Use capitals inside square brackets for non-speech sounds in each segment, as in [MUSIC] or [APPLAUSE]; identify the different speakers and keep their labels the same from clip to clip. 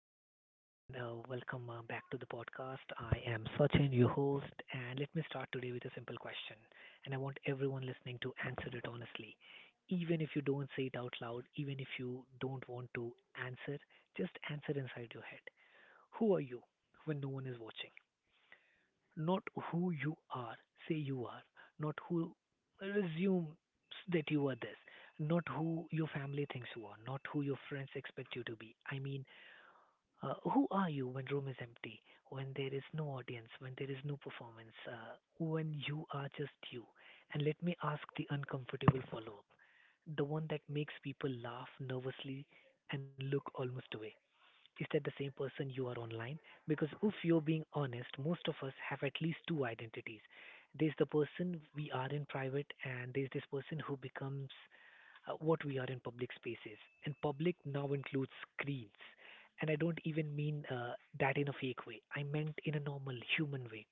Speaker 1: Hello, everyone, and welcome back to the podcast. I am Sachin, your host, and let me start today with a simple question. And I want everyone listening to answer it honestly. Even if you don't say it out loud, even if you don't want to answer, just answer inside your head. Who are you when no one is watching? Not who you are, say you are. Not who assumes that you are this. Not who your family thinks you are. Not who your friends expect you to be. I mean, who are you when room is empty, when there is no audience, when there is no performance, when you are just you? And let me ask the uncomfortable follow up, the one that makes people laugh nervously and look almost away. Is that the same person you are online? Because if you're being honest, most of us have at least two identities. There's the person we are in private, and there's this person who becomes what we are in public spaces. And public now includes screens. And I don't even mean that in a fake way. I meant in a normal human way.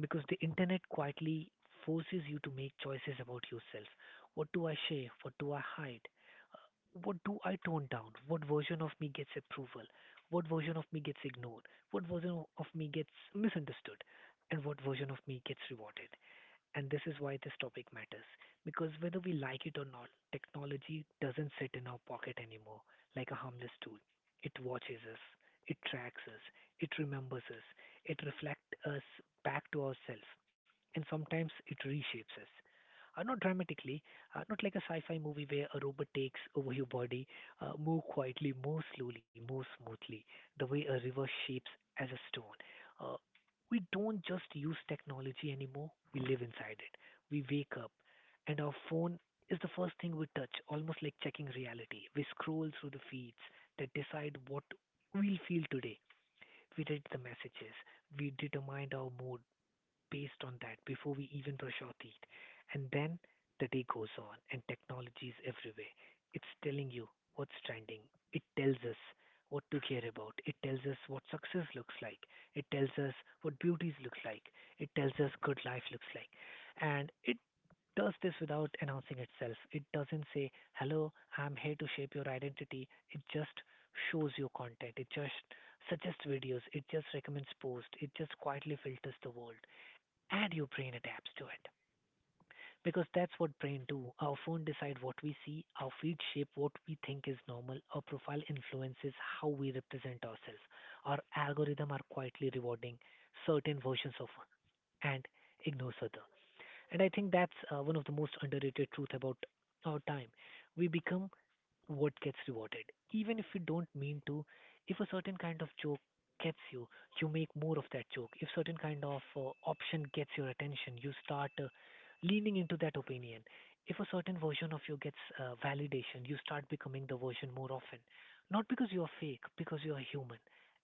Speaker 1: Because the internet quietly forces you to make choices about yourself. What do I share? What do I hide? What do I tone down? What version of me gets approval? What version of me gets ignored? What version of me gets misunderstood? And what version of me gets rewarded? And this is why this topic matters. Because whether we like it or not, technology doesn't sit in our pocket anymore like a harmless tool. It watches us, it tracks us, it remembers us, it reflects us back to ourselves, and sometimes it reshapes us. Not dramatically, not like a sci-fi movie where a robot takes over your body, more quietly, more slowly, more smoothly, the way a river shapes as a stone. Uh, we don't just use technology anymore, we live inside it. We wake up and our phone is the first thing we touch, almost like checking reality. We scroll through the feeds that decide what we'll feel today. We read the messages, we determine our mood, based on that before we even brush our teeth. And then the day goes on and technology is everywhere. It's telling you what's trending. It tells us what to care about. It tells us what success looks like. It tells us what beauties looks like. It tells us good life looks like. And it does this without announcing itself. It doesn't say, hello, I'm here to shape your identity. It just shows you content. It just suggests videos. It just recommends posts. It just quietly filters the world and your brain adapts to it because that's what brain do our phone decide what we see our feed shape what we think is normal our profile influences how we represent ourselves our algorithm are quietly rewarding certain versions of and ignores other and I think that's one of the most underrated truth about our time we become what gets rewarded. Even if you don't mean to, if a certain kind of joke gets you, you make more of that joke. If certain kind of option gets your attention, you start leaning into that opinion. If a certain version of you gets validation, you start becoming the version more often. Not because you are fake, because you are human.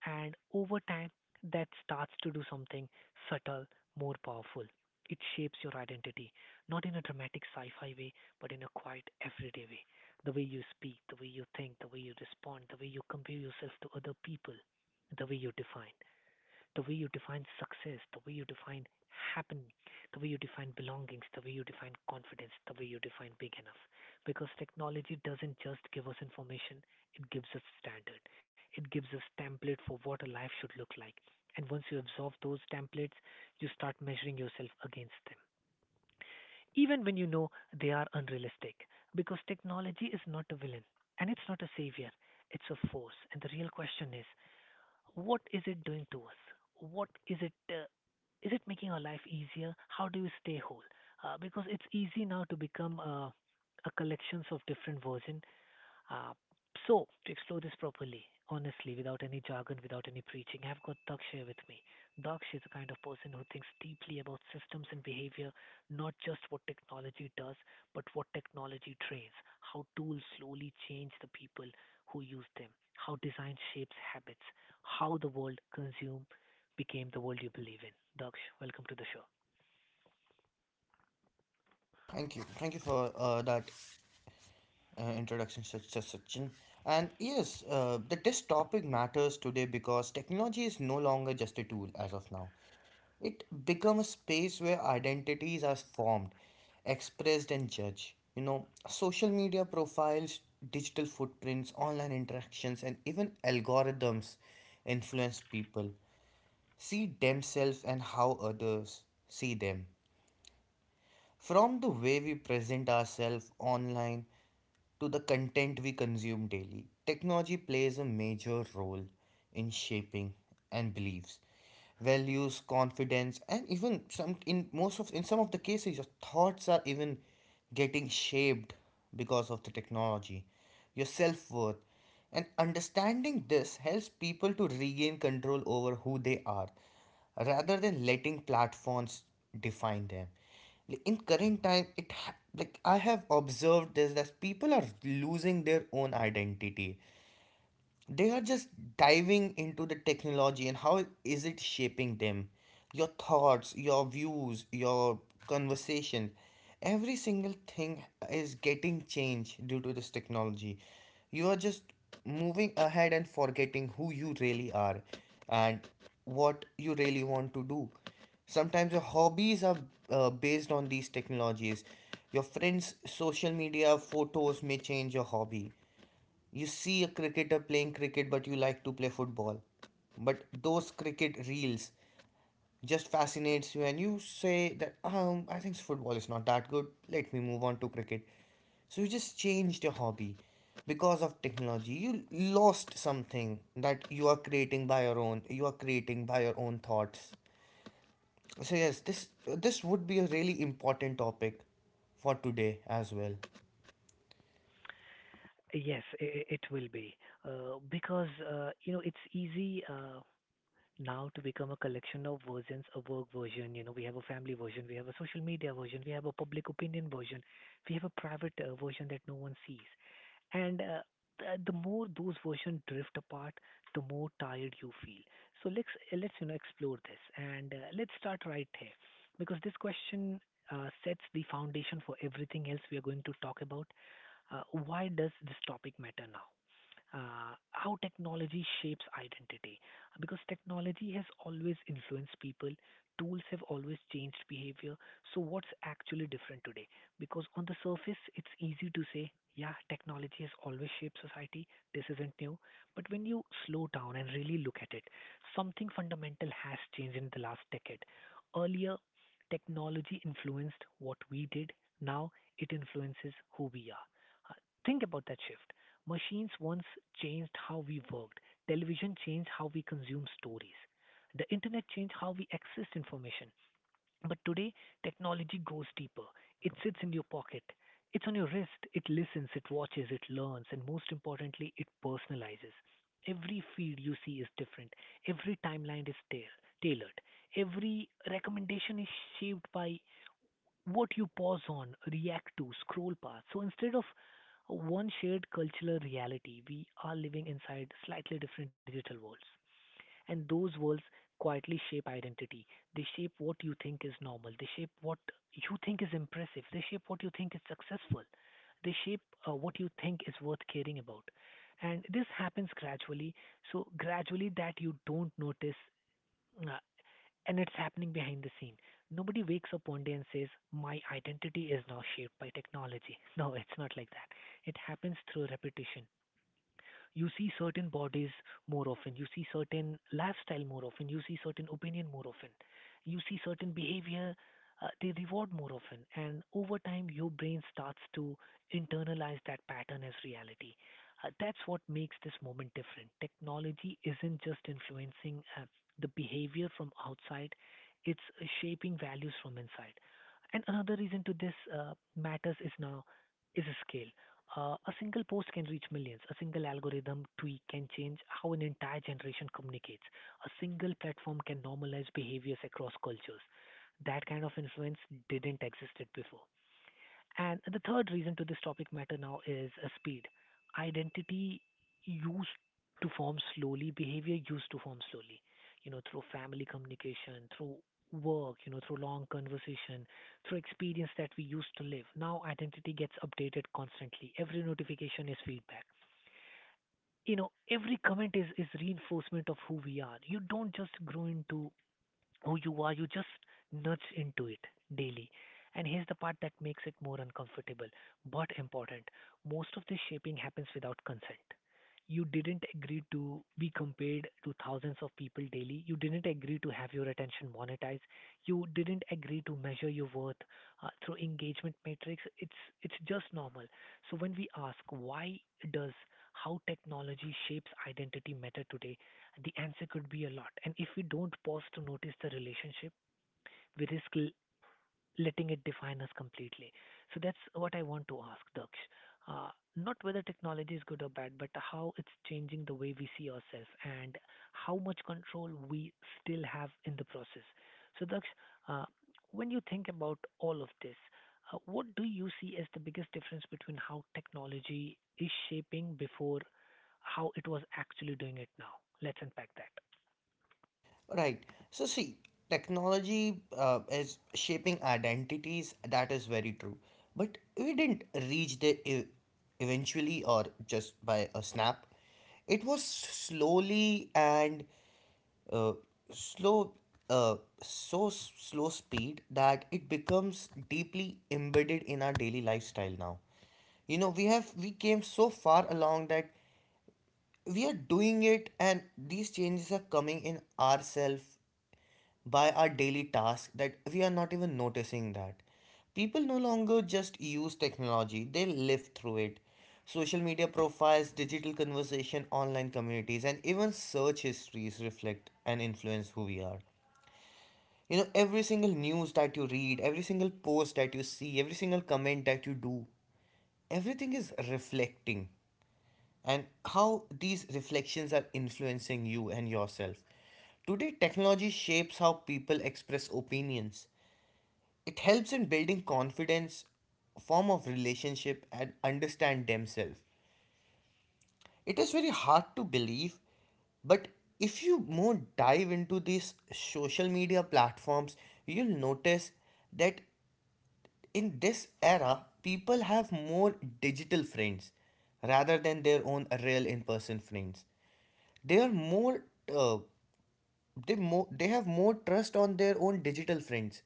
Speaker 1: And over time, that starts to do something subtle, more powerful. It shapes your identity, not in a dramatic sci fi way, but in a quiet, everyday way the way you speak, the way you think, the way you respond, the way you compare yourself to other people, the way you define, the way you define success, the way you define happen, the way you define belongings, the way you define confidence, the way you define big enough. Because technology doesn't just give us information, it gives us standard. It gives us template for what a life should look like. And once you absorb those templates, you start measuring yourself against them even when you know they are unrealistic. Because technology is not a villain and it's not a savior, it's a force. And the real question is what is it doing to us? What is it? Is it making our life easier? How do we stay whole? Because it's easy now to become a collections of different version uh, so, to explore this properly, honestly, without any jargon, without any preaching, I've got Daksh here with me. Daksh is the kind of person who thinks deeply about systems and behavior, not just what technology does, but what technology trains, how tools slowly change the people who use them, how design shapes habits, how the world consume became the world you believe in. Daksh, welcome to the show.
Speaker 2: Thank you. Thank you for that introduction, Sachin. And yes, the test topic matters today because technology is no longer just a tool as of now. It becomes a space where identities are formed, expressed, and judged. Social media profiles, digital footprints, online interactions, and even algorithms influence people, see themselves, and how others see them. From the way we present ourselves online to the content we consume daily, technology plays a major role in shaping and beliefs, values, confidence, and even some in most of in some of the cases your thoughts are even getting shaped because of the technology your self worth. And understanding this helps people to regain control over who they are rather than letting platforms define them. Like, in current time, like I have observed this that people are losing their own identity. They are just diving into the technology and how is it shaping them. Your thoughts, your views, your conversation, every single thing is getting changed due to this technology. You are just moving ahead and forgetting who you really are and what you really want to do. Sometimes your hobbies are based on these technologies. Your friends social media photos may change your hobby. You see a cricketer playing cricket, but you like to play football. But those cricket reels just fascinates you, and you say that I think football is not that good. Let me move on to cricket. So you just changed your hobby because of technology. You lost something that you are creating by your own. You are creating by your own thoughts. So yes, this would be a really important topic for today as well.
Speaker 1: Yes, it will be. Because, you know, it's easy. Now to become a collection of versions, a work version, you know, we have a family version, we have a social media version, we have a public opinion version, we have a private version that no one sees. And the more those versions drift apart, the more tired you feel. So let's you know explore this and let's start right here because this question sets the foundation for everything else we are going to talk about. Why does this topic matter now? How technology shapes identity. Because technology has always influenced people, tools have always changed behavior. So, what's actually different today? Because on the surface, it's easy to say, yeah, technology has always shaped society, this isn't new. But when you slow down and really look at it, something fundamental has changed in the last decade. Earlier, technology influenced what we did, now it influences who we are. Uh, Think about that shift. Machines once changed how we worked. Television changed how we consume stories. The internet changed how we access information. But today, technology grows deeper. It sits in your pocket. It's on your wrist. It listens, it watches, it learns, and most importantly, it personalizes. Every feed you see is different. Every timeline is tailored. Every recommendation is shaped by what you pause on, react to, scroll past. So instead of one shared cultural reality, we are living inside slightly different digital worlds. And those worlds quietly shape identity. They shape what you think is normal. They shape what you think is impressive. They shape what you think is successful. They shape what you think is worth caring about. And this happens gradually. So, gradually, that you don't notice uh, and it's happening behind the scene. Nobody wakes up one day and says, My identity is now shaped by technology. [LAUGHS] No, it's not like that. It happens through repetition you see certain bodies more often, you see certain lifestyle more often, you see certain opinion more often, you see certain behavior they reward more often, and over time your brain starts to internalize that pattern as reality. That's what makes this moment different. Technology isn't just influencing the behavior from outside; it's shaping values from inside. And another reason to this matters is now is a scale. A single post can reach millions. A single algorithm tweak can change how an entire generation communicates. A single platform can normalize behaviors across cultures. That kind of influence didn't exist before. And the third reason to this topic matter now is speed. Identity used to form slowly, behavior used to form slowly, you know, through family communication, through work, you know, through long conversation, through experience that we used to live. Now identity gets updated constantly. Every notification is feedback. You know, every comment is reinforcement of who we are. You don't just grow into who you are. You just nudge into it daily. And here's the part that makes it more uncomfortable but important. Most of this shaping happens without consent. You didn't agree to be compared to thousands of people daily. You didn't agree to have your attention monetized. You didn't agree to measure your worth through engagement metrics. It's just normal. So when we ask why does how technology shapes identity matter today, the answer could be a lot. And if we don't pause to notice the relationship, we risk letting it define us completely. So that's what I want to ask, Daksh. Not whether technology is good or bad, but how it's changing the way we see ourselves and how much control we still have in the process. So, Daksh, uh, when you think about all of this, what do you see as the biggest difference between how technology is shaping before how it was actually doing it now? Let's unpack that.
Speaker 2: Right. So, see, technology is shaping identities. That is very true. But we didn't reach eventually or just by a snap. It was slowly and uh, slow, uh, so slow speed that it becomes deeply embedded in our daily lifestyle now. We came so far along that we are doing it, and these changes are coming in ourselves by our daily tasks, that we are not even noticing that people no longer just use technology, they live through it. Social media profiles, digital conversation, online communities, and even search histories reflect and influence who we are. Every single news that you read, every single post that you see, every single comment that you do, everything is reflecting, and how these reflections are influencing you and yourself. Today, technology shapes how people express opinions, it helps in building confidence, a form of relationship, and understand themselves. It is very hard to believe, but if you more dive into these social media platforms, you'll notice that in this era, people have more digital friends rather than their own real in-person friends. They are more uh, they more they have more trust on their own digital friends,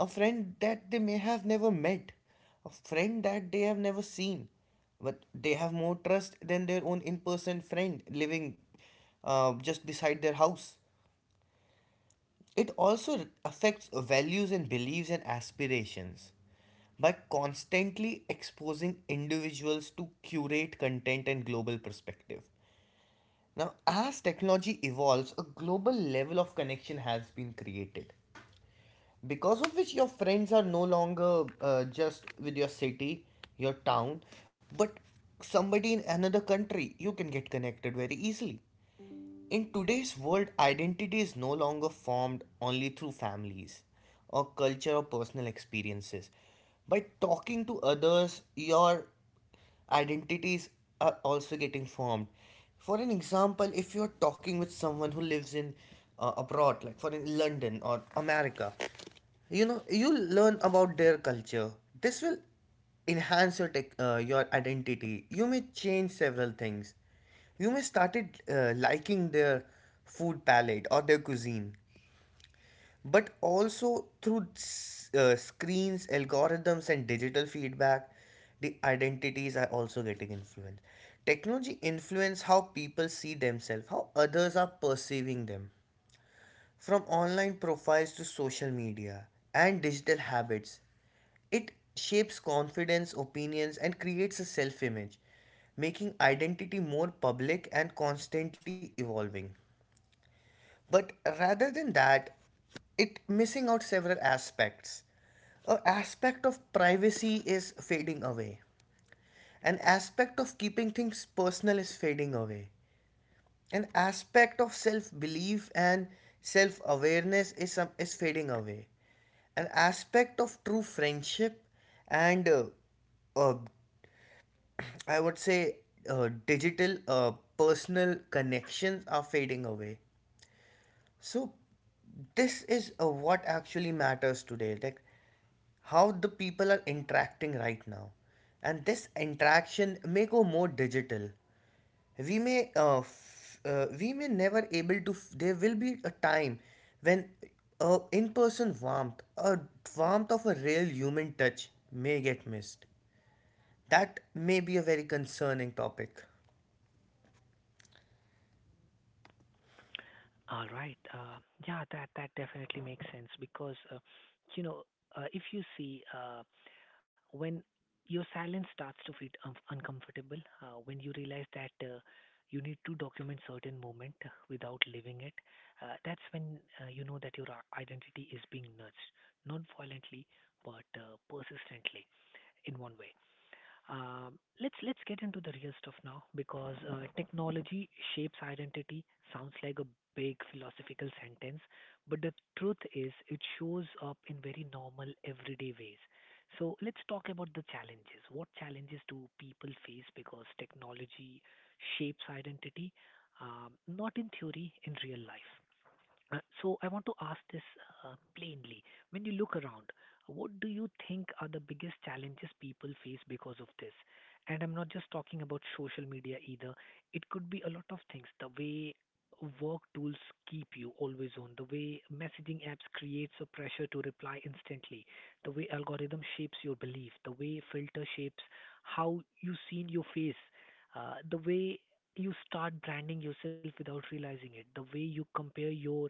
Speaker 2: a friend that they may have never met, a friend that they have never seen, but they have more trust than their own in person friend living just beside their house. It also affects values and beliefs and aspirations, by constantly exposing individuals to curate content and global perspective. Now, as technology evolves, a global level of connection has been created, because of which your friends are no longer just with your city, your town, but somebody in another country you can get connected very easily. In today's world, identity is no longer formed only through families or culture or personal experiences. By talking to others, your identities are also getting formed. For an example, if you're talking with someone who lives in abroad, like for in London or America, you learn about their culture. This will enhance your identity. You may change several things. You may started liking their food palette or their cuisine, but also through screens, algorithms, and digital feedback, the identities are also getting influenced. Technology influence how people see themselves, how others are perceiving them. From online profiles to social media and digital habits, it shapes confidence, opinions, and creates a self image, making identity more public and constantly evolving. But rather than that, it missing out several aspects. An aspect of privacy is fading away. An aspect of keeping things personal is fading away. An aspect of self belief and self awareness is, some is fading away. An aspect of true friendship and uh, I would say digital personal connections are fading away. So this is what actually matters today, like how the people are interacting right now, and this interaction may go more digital. We may never able to. There will be a time when a in-person warmth, a warmth of a real human touch, may get missed. That may be a very concerning topic.
Speaker 1: All right. Yeah, that definitely makes sense because you know if you see, when your silence starts to feel uncomfortable, when you realize that you need to document certain moment without living it, that's when you know that your identity is being nudged, not violently but persistently in one way. Let's get into the real stuff now because technology shapes identity sounds like a big philosophical sentence, but the truth is it shows up in very normal everyday ways. So let's talk about the challenges. What challenges do people face because technology shapes identity, not in theory, in real life? So I want to ask this plainly. When you look around, what do you think are the biggest challenges people face because of this? And I'm not just talking about social media either. It could be a lot of things. The way work tools keep you always on, the way messaging apps creates a pressure to reply instantly, the way algorithm shapes your belief, the way filter shapes how you seen your face, the way you start branding yourself without realizing it, the way you compare your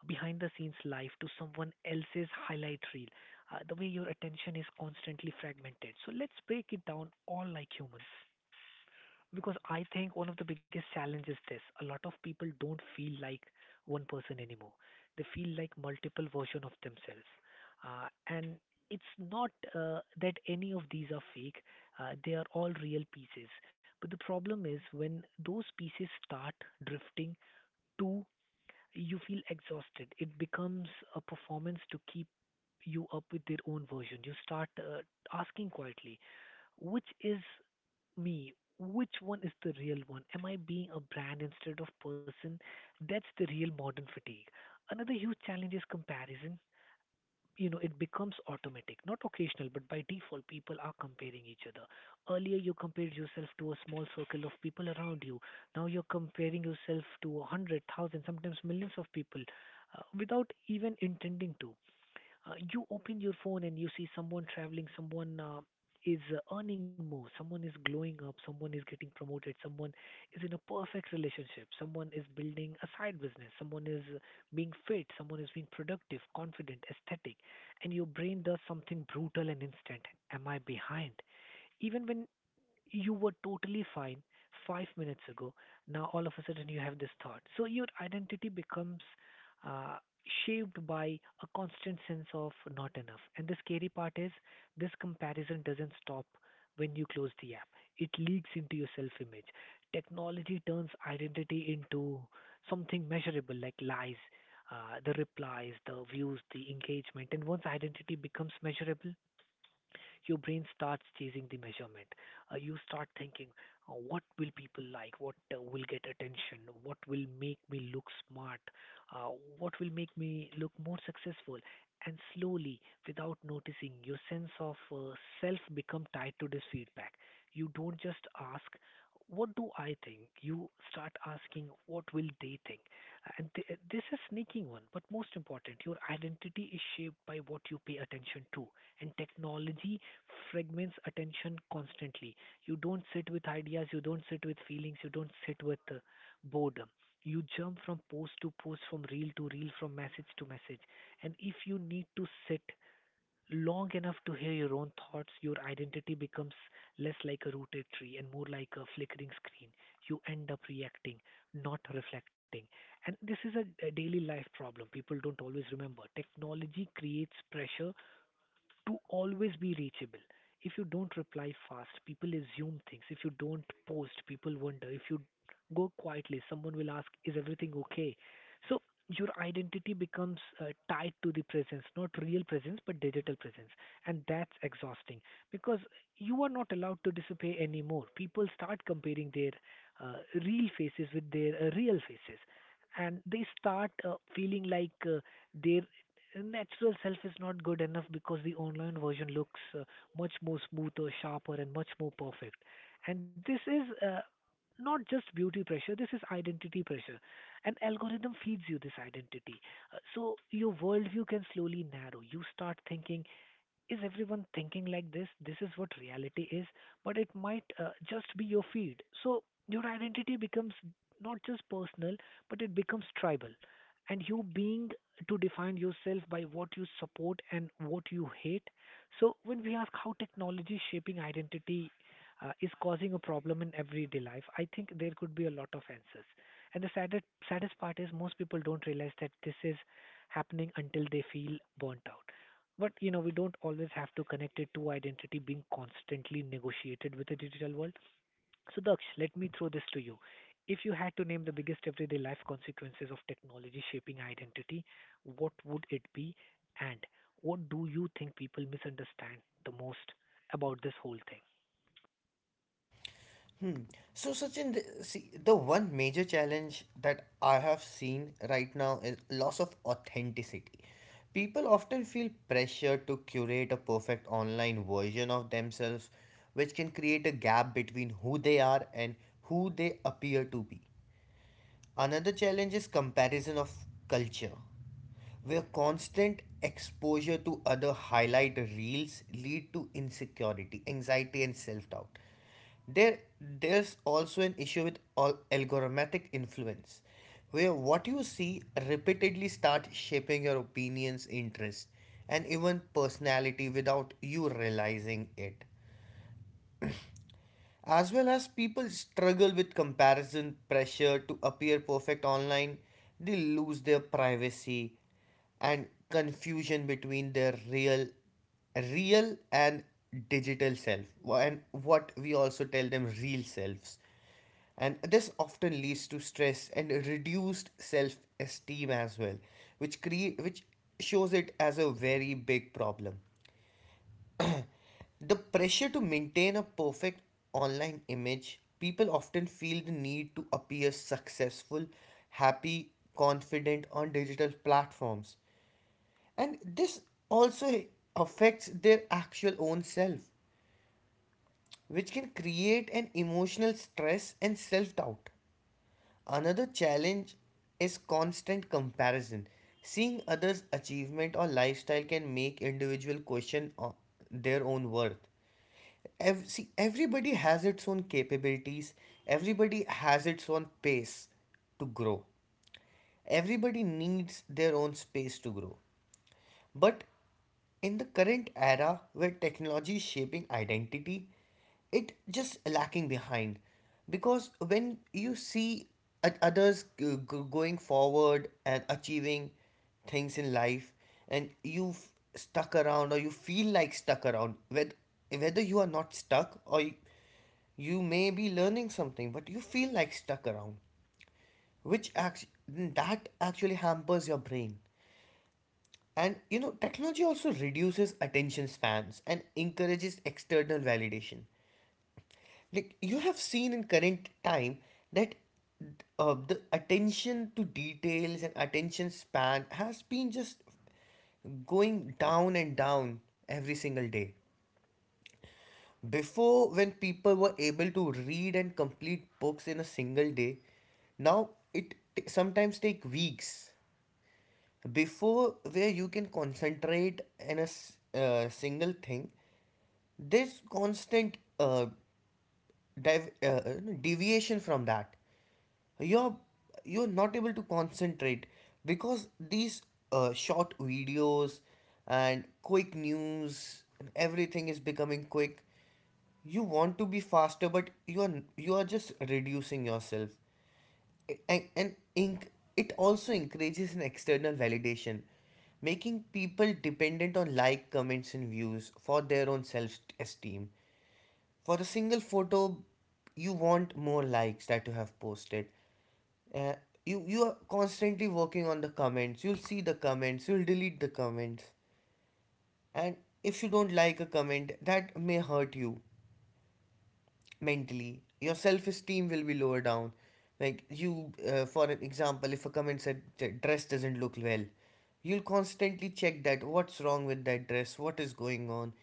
Speaker 1: behind the scenes life to someone else's highlight reel. The way your attention is constantly fragmented. So let's break it down all like humans. Because I think one of the biggest challenges is this: a lot of people don't feel like one person anymore. They feel like multiple version of themselves. Uh, and it's not that any of these are fake, they are all real pieces. But the problem is when those pieces start drifting too, you feel exhausted. It becomes a performance to keep you up with their own version. You start asking quietly, which is me? Which one is the real one? Am I being a brand instead of person? That's the real modern fatigue. Another huge challenge is comparison. You know, it becomes automatic, not occasional, but by default, people are comparing each other. Earlier, you compared yourself to a small circle of people around you. Now you're comparing yourself to a hundred, thousand, sometimes millions of people without even intending to. You open your phone and you see someone traveling, someone is earning more, someone is glowing up, someone is getting promoted, someone is in a perfect relationship, someone is building a side business, someone is being fit, someone is being productive, confident, aesthetic, and your brain does something brutal and instant. Am I behind? Even when you were totally fine 5 minutes ago. Now all of a sudden you have this thought. So your identity becomes uh, shaped by a constant sense of not enough. And the scary part is this comparison doesn't stop when you close the app. It leaks into your self-image. Technology turns identity into something measurable like lies, the replies, the views, the engagement. And once identity becomes measurable, your brain starts chasing the measurement. You start thinking, what will people like? What will get attention? What will make me look smart? Uh, what will make me look more successful? And slowly, without noticing, your sense of self become tied to this feedback. You don't just ask, what do I think? You start asking, what will they think? And this is sneaking one, but most important, your identity is shaped by what you pay attention to. And technology fragments attention constantly. You don't sit with ideas, you don't sit with feelings, you don't sit with boredom. You jump from post to post, from reel to reel, from message to message. And if you need to sit long enough to hear your own thoughts, your identity becomes less like a rooted tree and more like a flickering screen. You end up reacting, not reflecting. And this is a daily life problem. People don't always remember. Technology creates pressure to always be reachable. If you don't reply fast, people assume things. If you don't post, people wonder. If you go quietly, someone will ask, is everything okay? So your identity becomes tied to the presence, not real presence, but digital presence. And that's exhausting because you are not allowed to disappear anymore. People start comparing their uh, real faces with their real faces. And they start feeling like their natural self is not good enough because the online version looks much more smoother, sharper, and much more perfect. And this is not just beauty pressure, this is identity pressure. An algorithm feeds you this identity. So your worldview can slowly narrow. You start thinking, is everyone thinking like this? This is what reality is, but it might just be your feed. So your identity becomes not just personal, but it becomes tribal. And you being to define yourself by what you support and what you hate. So when we ask how technology shaping identity is causing a problem in everyday life, I think there could be a lot of answers. And the saddest, saddest part is most people don't realize that this is happening until they feel burnt out. But you know, we don't always have to connect it to identity being constantly negotiated with the digital world. So, Daksh, let me throw this to you. If you had to name the biggest everyday life consequences of technology shaping identity, what would it be? And what do you think people misunderstand the most about this whole thing?
Speaker 2: Hmm. So, Sachin, see, the one major challenge that I have seen right now is loss of authenticity. People often feel pressure to curate a perfect online version of themselves, which can create a gap between who they are and who they appear to be. Another challenge is comparison of culture, where constant exposure to other highlight reels lead to insecurity, anxiety, and self-doubt. There's also an issue with all algorithmic influence, where what you see repeatedly start shaping your opinions, interests, and even personality without you realizing it. As well as people struggle with comparison pressure to appear perfect online, they lose their privacy and confusion between their real and digital self, and what we also tell them real selves, and this often leads to stress and reduced self esteem as well, which shows it as a very big problem. The pressure to maintain a perfect online image, people often feel the need to appear successful, happy, confident on digital platforms. And this also affects their actual own self, which can create an emotional stress and self doubt. Another challenge is constant comparison. Seeing others' achievement or lifestyle can make individual question their own worth. See, everybody has its own capabilities. Everybody has its own pace to grow. Everybody needs their own space to grow. But in the current era where technology is shaping identity, it just lacking behind, because when you see others going forward and achieving things in life, and you stuck around or you feel like stuck around, whether you are not stuck or you may be learning something but you feel like stuck around, that actually hampers your brain. And technology also reduces attention spans and encourages external validation. Like you have seen in current time that the attention to details and attention span has been just going down and down every single day. Before, when people were able to read and complete books in a single day, now it sometimes take weeks before where you can concentrate in a single thing. This constant div- uh, deviation from that, you're you're not able to concentrate because these short videos and quick news and everything is becoming quick. You want to be faster, but you are just reducing yourself. and, and inc- it also encourages an external validation, making people dependent on like comments and views for their own self esteem for the single photo, you want more likes that you have posted. Uh, you are constantly working on the comments. You'll see the comments. You'll delete the comments. And if you don't like a comment, that may hurt you mentally. Your self-esteem will be lower down. Like, you for an example, if a comment said, dress doesn't look well," you'll constantly check that. What's wrong with that dress? What is going on?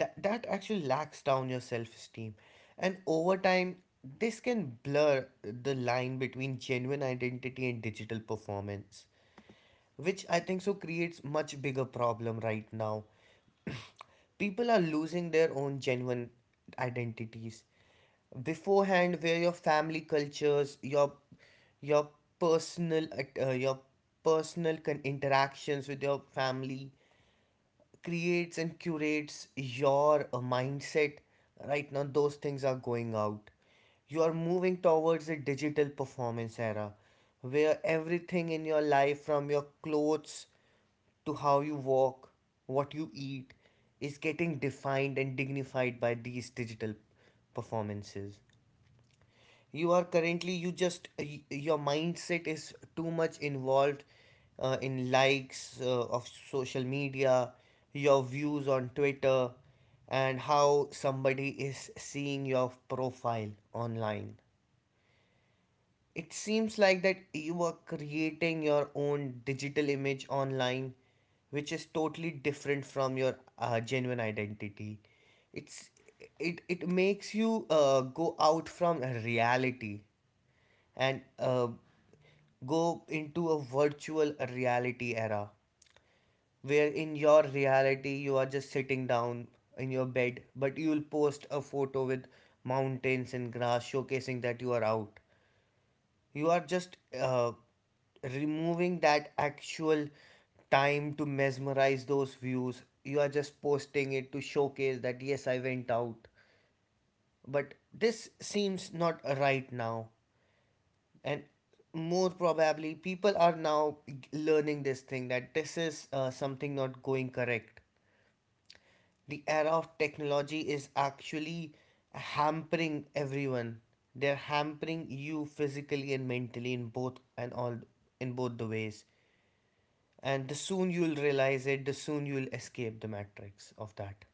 Speaker 2: That actually lacks down your self-esteem. And over time, this can blur the line between genuine identity and digital performance, which I think so creates much bigger problem right now. People are losing their own genuine identities. Beforehand, where your family cultures, your your personal interactions with your family creates and curates your mindset. Right now those things are going out. You are moving towards a digital performance era where everything in your life, from your clothes to how you walk, what you eat, is getting defined and dignified by these digital performances. You are currently, your mindset is too much involved in likes of social media, your views on Twitter, and how somebody is seeing your profile online. It seems like that you are creating your own digital image online, which is totally different from your genuine identity. It's it makes you go out from reality and go into a virtual reality era where in your reality you are just sitting down in your bed, but you will post a photo with mountains and grass showcasing that you are out. You are just removing that actual time to mesmerize those views. You are just posting it to showcase that, yes, I went out. But this seems not right now. And more probably, people are now learning this thing, that this is something not going correct. The era of technology is actually hampering everyone. They're hampering you physically and mentally in both, and all in both the ways. And the soon you'll realize it, the soon you'll escape the matrix of that.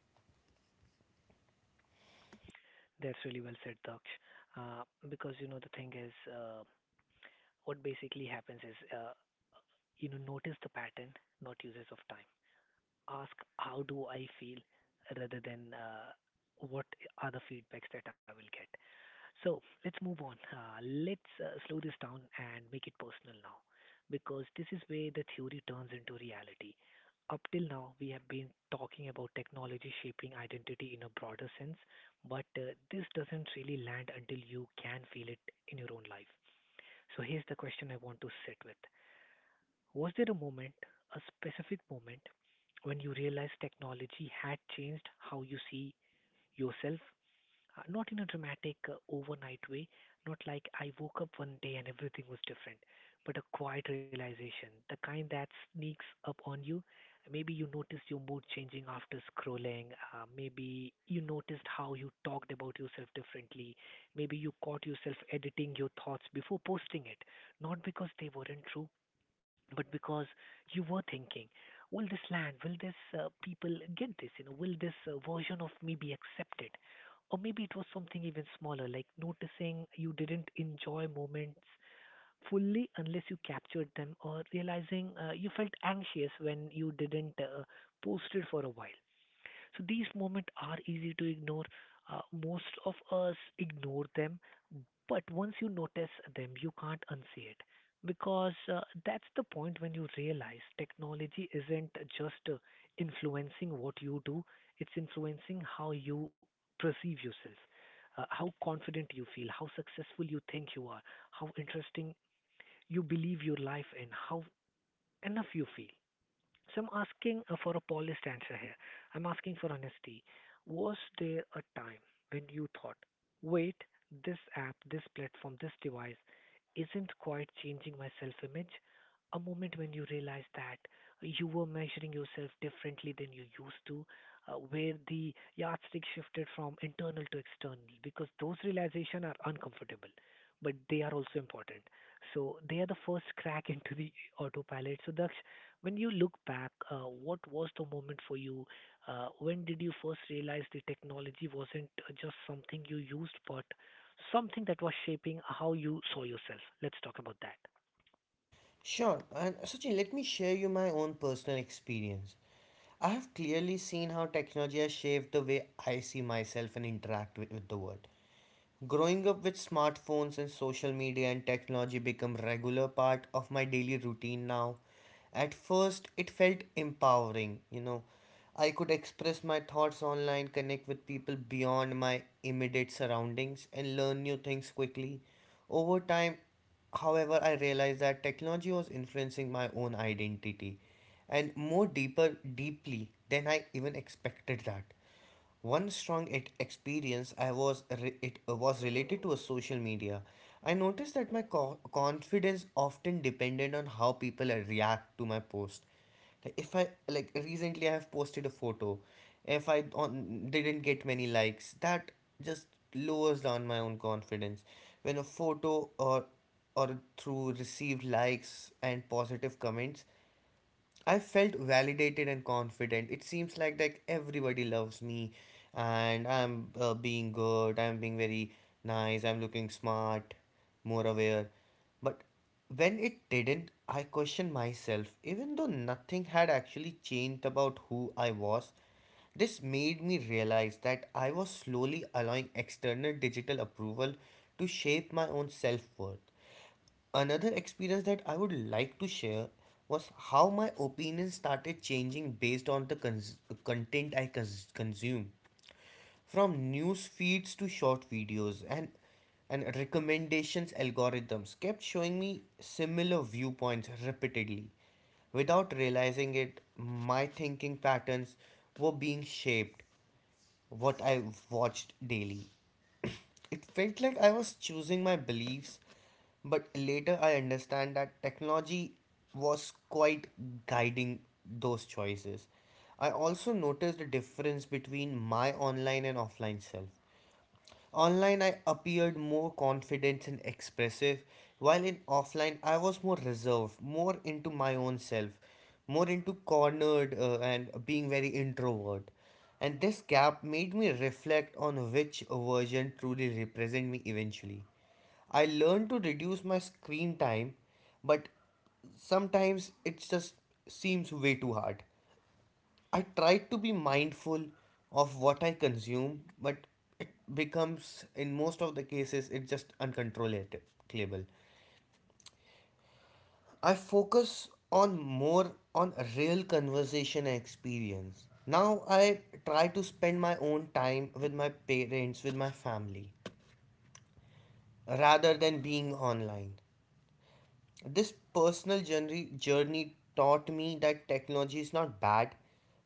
Speaker 1: That's really well said, Daksh. Uh, because you know the thing is, what basically happens is, you know, notice the pattern, not uses of time. Ask how do I feel rather than what are the feedbacks that I will get. So let's move on. Let's slow this down and make it personal now, because this is where the theory turns into reality. Up till now, we have been talking about technology shaping identity in a broader sense, but this doesn't really land until you can feel it in your own life. So here's the question I want to sit with: was there a moment, a specific moment, when you realized technology had changed how you see yourself? Not in a dramatic overnight way, not like I woke up one day and everything was different, but a quiet realization, the kind that sneaks up on you. Maybe you noticed your mood changing after scrolling, maybe you noticed how you talked about yourself differently, maybe you caught yourself editing your thoughts before posting it, not because they weren't true, but because you were thinking, will this land, will this people get this, you know, will this version of me be accepted? Or maybe it was something even smaller, like noticing you didn't enjoy moments fully unless you captured them, or realizing you felt anxious when you didn't post it for a while. So these moments are easy to ignore. Most of us ignore them, but once you notice them, you can't unsee it. Because that's the point when you realize technology isn't just influencing what you do, it's influencing how you perceive yourself, how confident you feel, how successful you think you are, how interesting you believe your life in, how enough you feel. So I'm asking for a polished answer here. I'm asking for honesty. Was there a time when you thought, wait, this app, this platform, this device isn't quite changing my self image? A moment when you realized that you were measuring yourself differently than you used to, where the yardstick shifted from internal to external, because those realizations are uncomfortable, but they are also important. So they are the first crack [LAUGHS] into the autopilot. So the when you look back, what was the moment for you? When did you first realize the technology wasn't just something you used, but something that was shaping how you saw yourself? Let's talk about that.
Speaker 2: Sure. And Sachin, let me share you my own personal experience. I have clearly seen how technology has shaped the way I see myself and interact with, the world. Growing up with smartphones and social media and technology become regular part of my daily routine now. At first, it felt empowering, you know. I could express my thoughts online, connect with people beyond my immediate surroundings, and learn new things quickly. Over time, however, I realized that technology was influencing my own identity and more deeper deeply than I even expected that. One strong it experience I was it was related to a social media. I noticed that my confidence often depended on how people react to my post. Like if I like recently I have posted a photo. If didn't get many likes, that just lowers down my own confidence. When a photo or through received likes and positive comments, I felt validated and confident. It seems like everybody loves me, and I'm being good. I'm being very nice. I'm looking smart, more aware. But when it didn't, I questioned myself. Even though nothing had actually changed about who I was, this made me realize that I was slowly allowing external digital approval to shape my own self worth. Another experience that I would like to share was how my opinion started changing based on the content I consume, from news feeds to short videos and recommendations algorithms kept showing me similar viewpoints repeatedly. Without realizing it, my thinking patterns were being shaped what I watched daily. It felt like I was choosing my beliefs, but later I understand that technology was quite guiding those choices. I also noticed the difference between my online and offline self. Online, I appeared more confident and expressive, while in offline, I was more reserved, more into my own self, more into cornered and being very introvert. And this gap made me reflect on which version truly represent me eventually. I learned to reduce my screen time, but sometimes it just seems way too hard. I try to be mindful of what I consume, but it becomes, in most of the cases, it's just uncontrollable. I focus on more on a real conversation and experience. Now I try to spend my own time with my parents, with my family, rather than being online. This personal journey taught me that technology is not bad,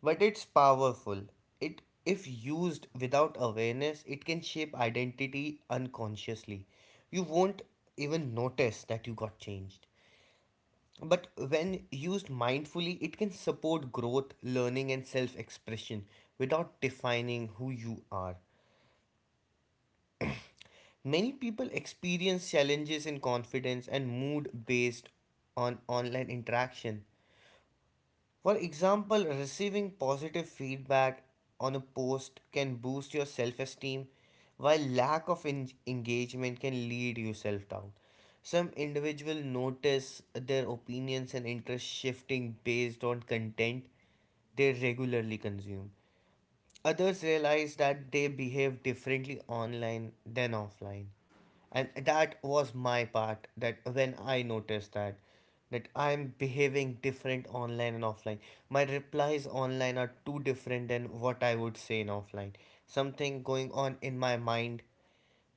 Speaker 2: but it's powerful. It, if used without awareness, it can shape identity unconsciously. You won't even notice that you got changed. But when used mindfully, it can support growth, learning, and self expression without defining who you are. Many people experience challenges in confidence and mood based on online interaction. For example, receiving positive feedback on a post can boost your self esteem, while lack of engagement can lead you self doubt. Some individuals notice their opinions and interests shifting based on content they regularly consume. Others realized that they behave differently online than offline. And that was my part, that when I noticed that I'm behaving different online and offline. My replies online are too different than what I would say in offline. Something going on in my mind,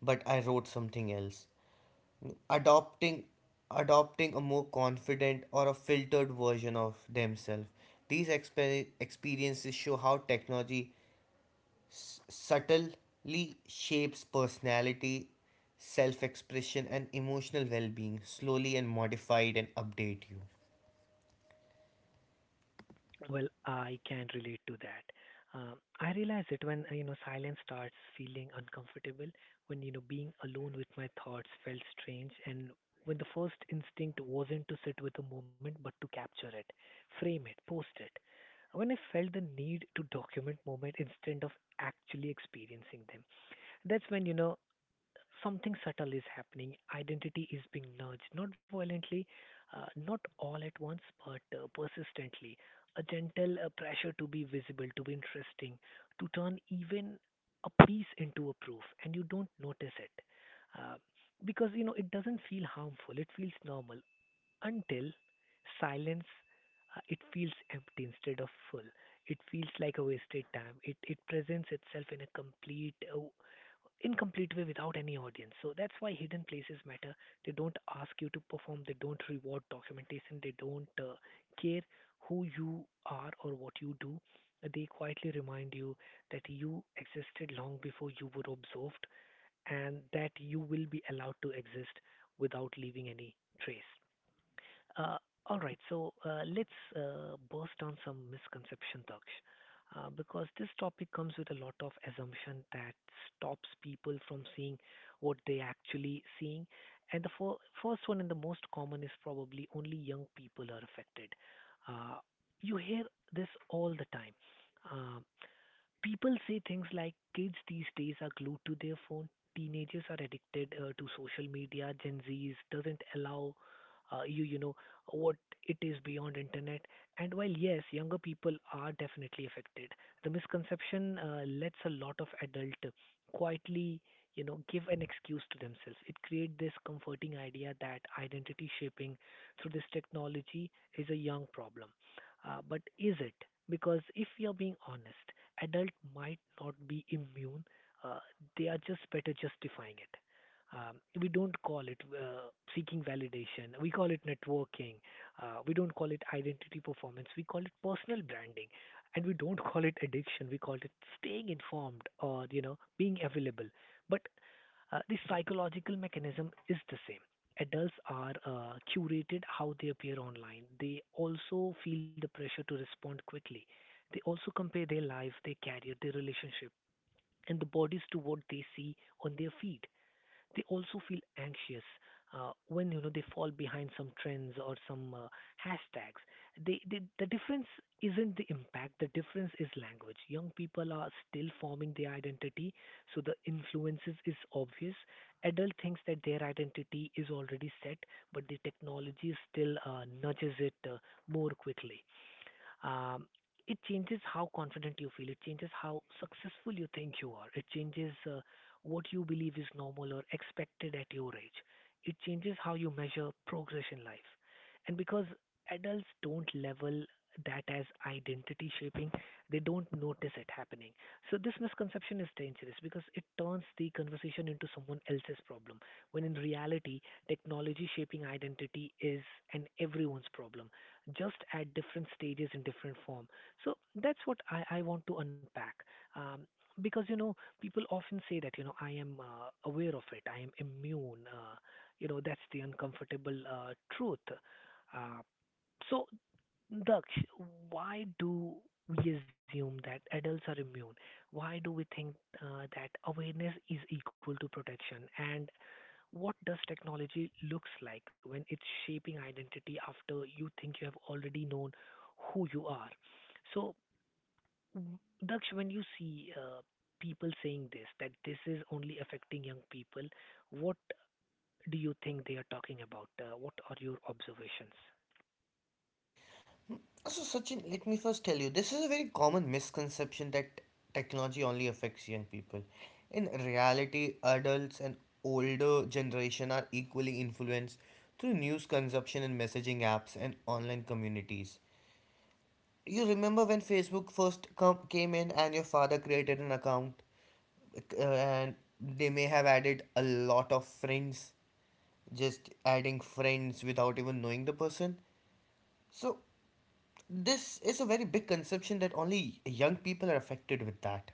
Speaker 2: but I wrote something else. Adopting adopting a more confident or a filtered version of themselves. These experiences show how technology subtly shapes personality, self expression, and emotional well being, slowly and modified and update you.
Speaker 1: Well, I can relate to that. I realize it when you know silence starts feeling uncomfortable, when you know being alone with my thoughts felt strange, and when the first instinct wasn't to sit with the moment but to capture it, frame it, post it. When I felt the need to document moment instead of actually experiencing them, that's when you know something subtle is happening. Identity is being nudged, not violently, not all at once, but persistently. A gentle pressure to be visible, to be interesting, to turn even a piece into a proof, and you don't notice it. Uh, because you know it doesn't feel harmful, it feels normal until silence it feels empty instead of full. It feels like a wasted time. It presents itself in a complete incomplete way without any audience. So that's why hidden places matter. They don't ask you to perform, they don't reward documentation, they don't care who you are or what you do. They quietly remind you that you existed long before you were observed and that you will be allowed to exist without leaving any trace. Uh, all right, so let's burst down some misconception, Daksh, because this topic comes with a lot of assumption that stops people from seeing what they actually seeing. And the first one and the most common is probably only young people are affected. Uh, you hear this all the time. Um People say things like kids these days are glued to their phone, teenagers are addicted to social media, Gen Zs doesn't allow uh, you, you know, what it is beyond internet. And while yes, younger people are definitely affected, the misconception lets a lot of adult quietly, give an excuse to themselves. It creates this comforting idea that identity shaping through this technology is a young problem. But is it? Because if you're being honest, adult might not be immune. Uh, they are just better justifying it. We don't call it seeking validation. We call it networking. We don't call it identity performance. We call it personal branding, and we don't [LAUGHS] call it addiction. We call it staying informed or being available. But the psychological mechanism is the same. Adults are curated how they appear online. They also feel the pressure to respond quickly. They also compare their life, their career, their relationship, and the bodies to what they see on their feed. They also feel anxious when they fall behind some trends or some hashtags. They, the difference isn't the impact. The difference is language. Young people are still forming their identity, so the influences is obvious. Adult thinks that their identity is already set, but the technology still nudges it more quickly. Um, it changes how confident you feel. It changes how successful you think you are. It changes what you believe is normal or expected at your age. It changes how you measure progress in life. And because adults don't level that as identity shaping, they don't notice it happening. So this misconception is dangerous because it turns the conversation into someone else's problem. When in reality, technology shaping identity is an everyone's problem just at different stages in different form. So that's what I want to unpack. Um, because people often say that I am aware of it, I am immune. That's the uncomfortable truth. Uh, so Daksh, why do we assume that adults are immune? Why do we think that awareness is equal to protection? And what does technology looks like when it's shaping identity after you think you have already known who you are? So, w- Daksh, when you see people saying this, that this is only affecting young people, what do you think they are talking about? What are your observations?
Speaker 2: So, Sachin, let me first tell you, this is a very common misconception that technology only affects young people. In reality, adults and older generation are equally influenced through news consumption and messaging apps and online communities. You remember when Facebook first came in and your father created an account? And they may have added a lot of friends, just adding friends without even knowing the person. So this is a very big conception that only young people are affected with that.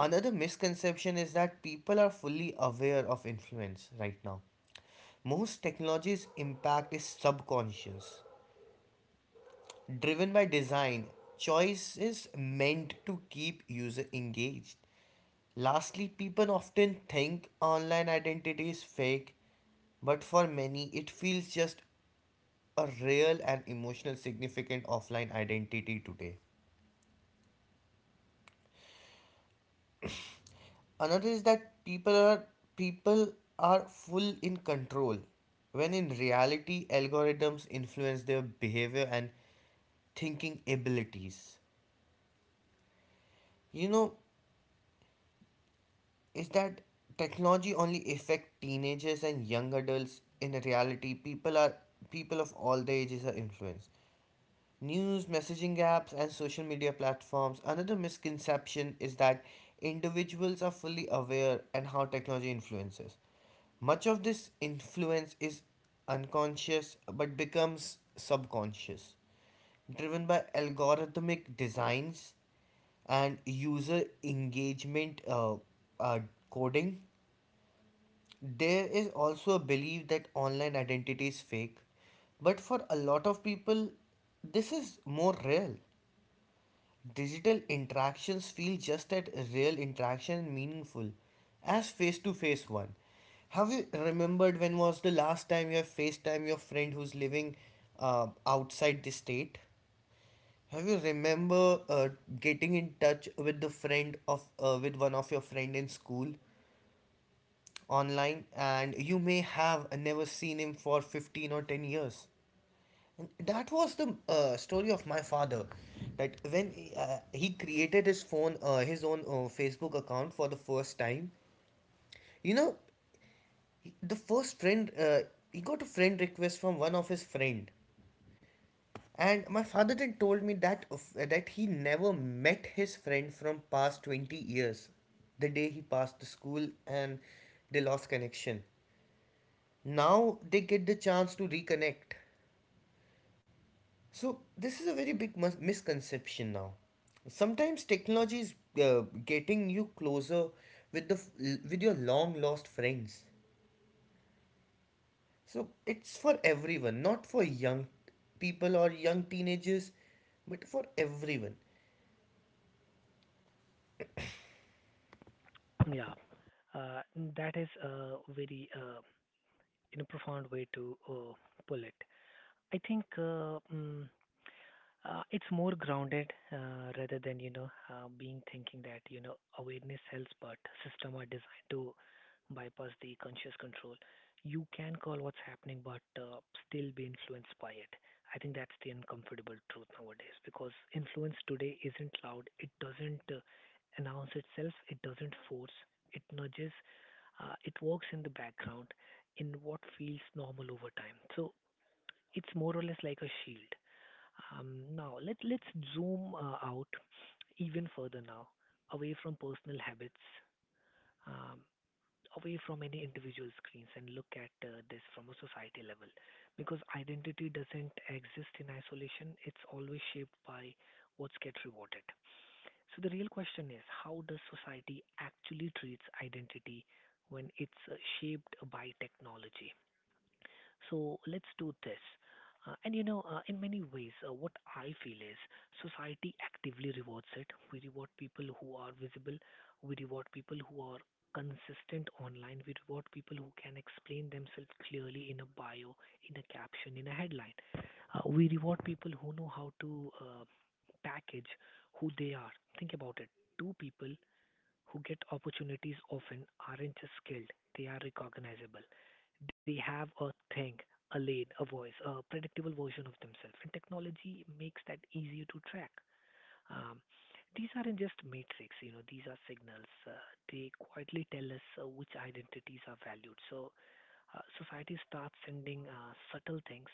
Speaker 2: Another misconception is that people are fully aware of influence right now. Most technology's impact is subconscious, driven by design. Choice is meant to keep user engaged. Lastly, people often think online identity is fake, but for many, it feels just a real and emotional significant offline identity today. Another is that people are full in control, when in reality, algorithms influence their behavior and thinking abilities. You know, is that technology only affect teenagers and young adults. In reality, people of all the ages are influenced news, messaging apps, and social media platforms. Another misconception is that individuals are fully aware and how technology influences. Much of this influence is unconscious but becomes subconscious, driven by algorithmic designs and user engagement uh, coding. There is also a belief that online identity is fake, but for a lot of people, this is more real. Digital interactions feel just as real interaction and meaningful as face to face one. Have you remembered when was the last time you have FaceTime your friend who's living outside the state? Have you remember getting in touch with the friend of with one of your friend in school online? And you may have never seen him for 15 or 10 years. And that was the story of my father, that when he created his phone, his own Facebook account for the first time, you know, the first friend, he got a friend request from one of his friend. And my father then told me that that he never met his friend from past 20 years. The day he passed the school, and they lost connection, now they get the chance to reconnect. So this is a very big misconception. Now sometimes technology is getting you closer with the with your long lost friends. So it's for everyone, not for young people or young teenagers, but for everyone.
Speaker 1: Yeah, uh, that is a very in a profound way to pull it. I think it's more grounded rather than you know being thinking that awareness helps, but system are designed to bypass the conscious control. You can call what's happening, but still be influenced by it. I think that's the uncomfortable truth nowadays because influence today isn't loud. It doesn't announce itself. It doesn't force. It nudges. It works in the background in what feels normal over time. So it's more or less like a shield. Now let's zoom out even further now, away from personal habits, um, away from any individual screens, and look at this from a society level, because identity doesn't exist in isolation. It's always shaped by what gets rewarded. So the real question is, how does society actually treats identity when it's shaped by technology? So let's do this. In many ways, what I feel is society actively rewards it. We reward people who are visible, we reward people who are consistent online, we reward people who can explain themselves clearly in a bio, in a caption, in a headline. We reward people who know how to package who they are. Think about it. Two people who get opportunities often aren't just skilled, they are recognizable. They have a thing, a lane, a voice, a predictable version of themselves, and technology makes that easier to track. Um, these aren't just matrix. You know, these are signals. They quietly tell us which identities are valued. So society starts sending subtle things.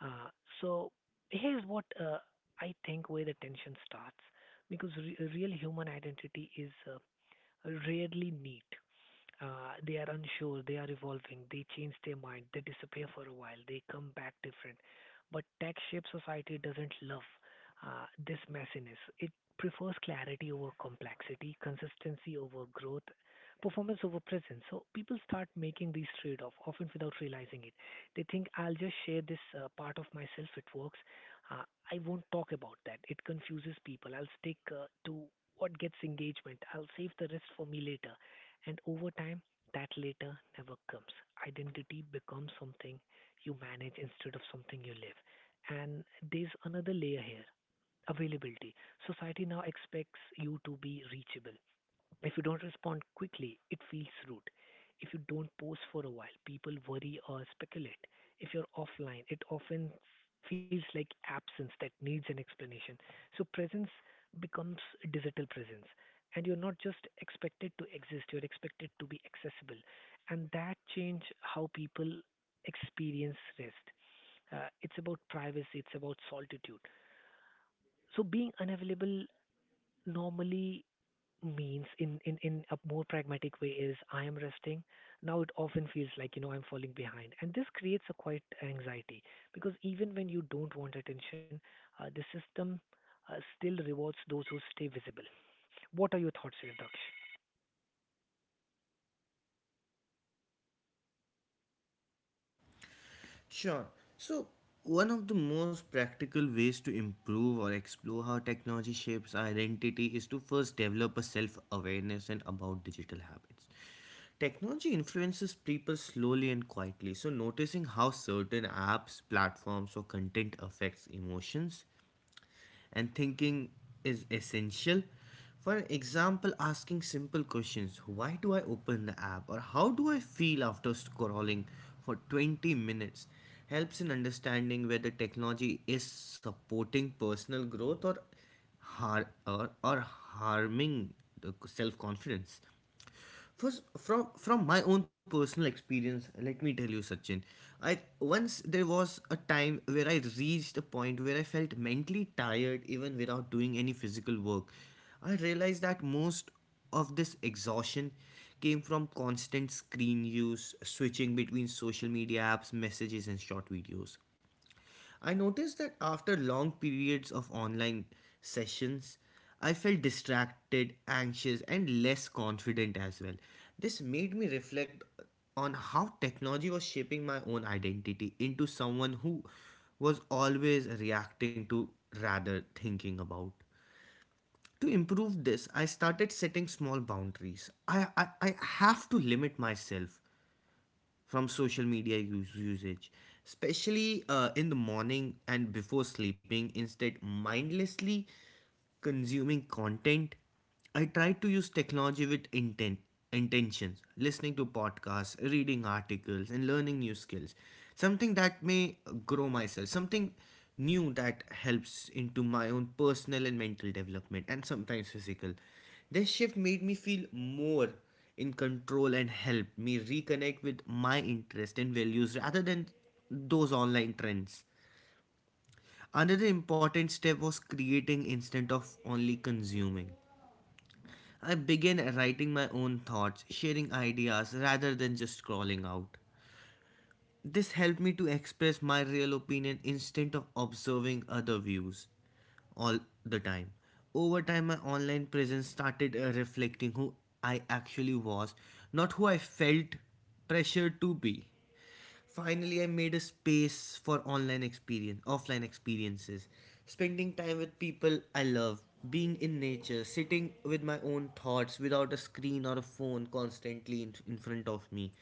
Speaker 1: Uh, so here's what I think where the tension starts because real human identity is rarely meet. They are unsure, they are evolving, they change their mind, they disappear for a while, they come back different. But tech shaped society doesn't love this messiness. It prefers clarity over complexity, consistency over growth, performance over presence. So people start making these trade offs often without realizing it. They think I'll just share this part of myself, it works. Uh, I won't talk about that. It confuses people. I'll stick to what gets engagement. I'll save the rest for me later. And over time, that later never comes. Identity becomes something you manage instead of something you live. And there's another layer here: availability. Society now expects you to be reachable. If you don't respond quickly, it feels rude. If you don't post for a while, people worry or speculate. If you're offline, it often feels like absence that needs an explanation. So presence becomes digital presence. And you're not just expected to exist, you're expected to be accessible. And that change how people experience rest. It's about privacy, it's about solitude. So being unavailable normally means in a more pragmatic way is I am resting. Now it often feels like, you know, I'm falling behind. And this creates a quite anxiety because even when you don't want attention, the system still rewards those who stay visible. What are your thoughts, Daksh?
Speaker 2: Sure. So, one of the most practical ways to improve or explore how technology shapes our identity is to first develop a self awareness and about digital habits. Technology influences people slowly and quietly, so noticing how certain apps, platforms, or content affects emotions, and thinking is essential. For example, asking simple questions, why do I open the app, or how do I feel after scrolling for 20 minutes, helps in understanding whether technology is supporting personal growth, or, harming the self confidence. First, from my own personal experience, let me tell you, Sachin. I once, there was a time where I reached a point where I felt mentally tired even without doing any physical work. I realized that most of this exhaustion came from constant screen use, switching between social media apps, messages, and short videos. I noticed that after long periods of online sessions, I felt distracted, anxious, and less confident as well. This made me reflect on how technology was shaping my own identity into someone who was always reacting to rather thinking about. To improve this, I started setting small boundaries. I have to limit myself from social media usage, especially in the morning and before sleeping. Instead, mindlessly consuming content, I try to use technology with intentions, listening to podcasts, reading articles, and learning new skills, something that may grow myself, something new that helps into my own personal and mental development and sometimes physical. This shift made me feel more in control and help me reconnect with my interests and values rather than those online trends. Another important step was creating instead of only consuming. I began writing my own thoughts, sharing ideas rather than just scrolling out. This helped me to express my real opinion instead of observing other views all the time. Over time, my online presence started reflecting who I actually was, not who I felt pressured to be. Finally, I made a space for offline experiences, spending time with people I love, being in nature, sitting with my own thoughts without a screen or a phone constantly in front of me,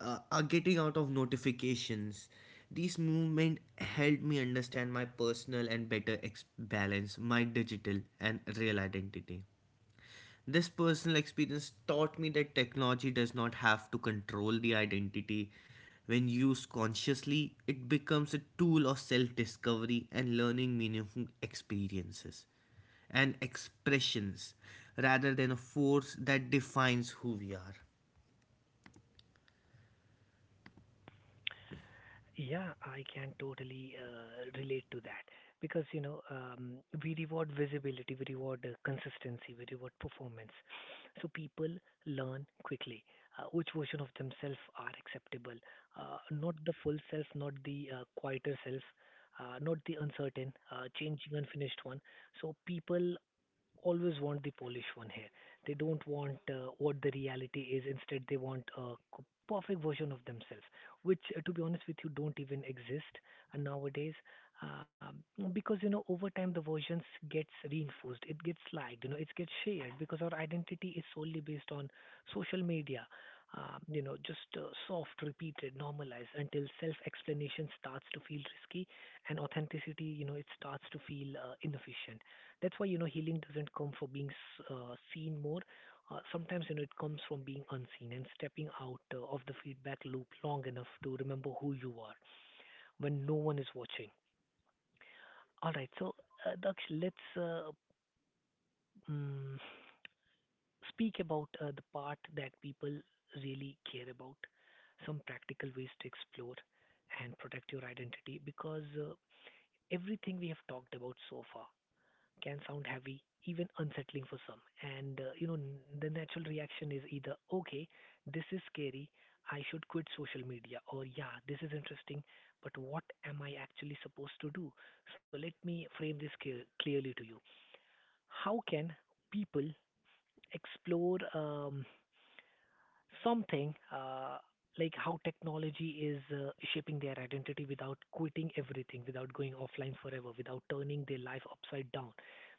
Speaker 2: are getting out of notifications. These movement helped me understand my personal and better balance my digital and real identity. This personal experience taught me that technology does not have to control the identity. When used consciously, it becomes a tool of self discovery and learning meaningful experiences and expressions rather than a force that defines who we are.
Speaker 1: Yeah, I can totally relate to that because we reward visibility, we reward consistency, we reward performance. So people learn quickly which version of themselves are acceptable, not the full self, not the quieter self, not the uncertain, changing, unfinished one. So people always want the polished one here. They don't want what the reality is. Instead, they want a perfect version of themselves, which, to be honest with you, don't even exist nowadays. Because over time, the versions gets reinforced. It gets liked. You know, it gets shared because our identity is solely based on social media. Just soft, repeated, normalized until self-explanation starts to feel risky and authenticity, you know, it starts to feel inefficient. That's why, you know, healing doesn't come from being seen more. Sometimes, you know, it comes from being unseen and stepping out of the feedback loop long enough to remember who you are when no one is watching. All right, so Daksh, let's um, speak about the part that people really care about, some practical ways to explore and protect your identity because everything we have talked about so far can sound heavy, even unsettling for some. And the natural reaction is either, okay, this is scary, I should quit social media, or yeah, this is interesting, but what am I actually supposed to do? So let me frame this clearly to you. How can people explore something like how technology is shaping their identity without quitting everything, without going offline forever, without turning their life upside down.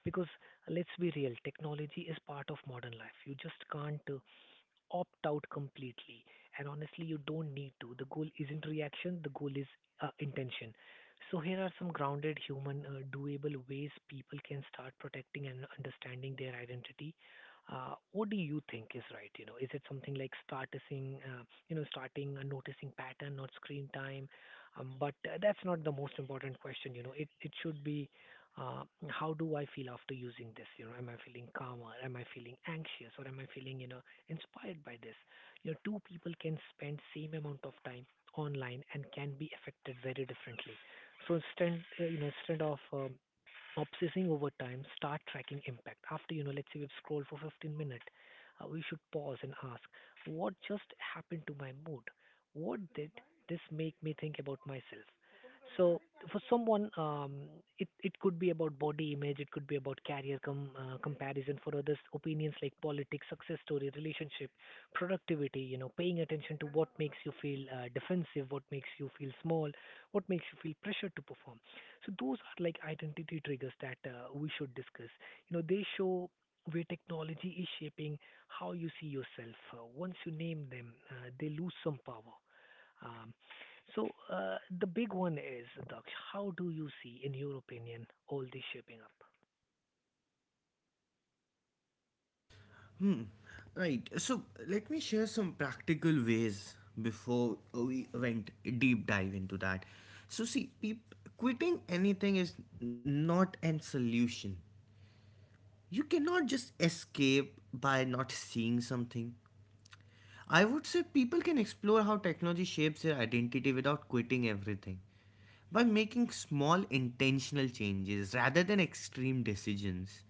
Speaker 1: Because let's be real, technology is part of modern life. You just can't opt out completely. And honestly, you don't need to. The goal isn't reaction, the goal is intention. So, here are some grounded, human, doable ways people can start protecting and understanding their identity. What do you think is right? You know, is it something like starting, starting a noticing pattern, not screen time? But that's not the most important question. You know, it should be uh, how do I feel after using this? You know, am I feeling calmer? Am I feeling anxious? Or am I feeling, you know, inspired by this. You know, two people can spend same amount of time online and can be affected very differently. So instead, instead of obsessing over time, start tracking impact. After, you know, let's say we've scrolled for 15 minutes, we should pause and ask, what just happened to my mood? What did this make me think about myself? So for someone, it could be about body image, it could be about comparison. For others, opinions like politics, success story, relationship, productivity. You know, paying attention to what makes you feel defensive, what makes you feel small, what makes you feel pressure to perform. So those are like identity triggers that we should discuss. You know, they show where technology is shaping how you see yourself. Once you name them, they lose some power. Um, so the big one is, Daksh, how do you see, in your opinion, all this shaping up?
Speaker 2: Hmm. Right. So let me share some practical ways before we went deep dive into that. So see, quitting anything is not an solution. You cannot just escape by not seeing something. I would say people can explore how technology shapes their identity without quitting everything by making small intentional changes rather than extreme decisions.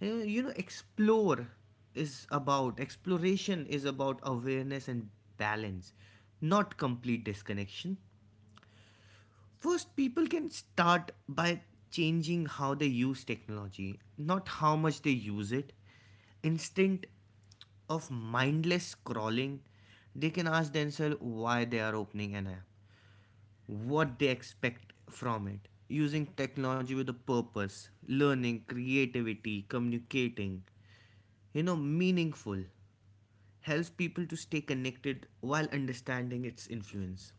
Speaker 2: Explore is about exploration is about awareness and balance, not complete disconnection. First, people can start by changing how they use technology, not how much they use it. Instinct of mindless scrolling, they can ask themselves why they are opening an app, what they expect from it. Using technology with a purpose, learning, creativity, communicating, meaningful, helps people to stay connected while understanding its influence.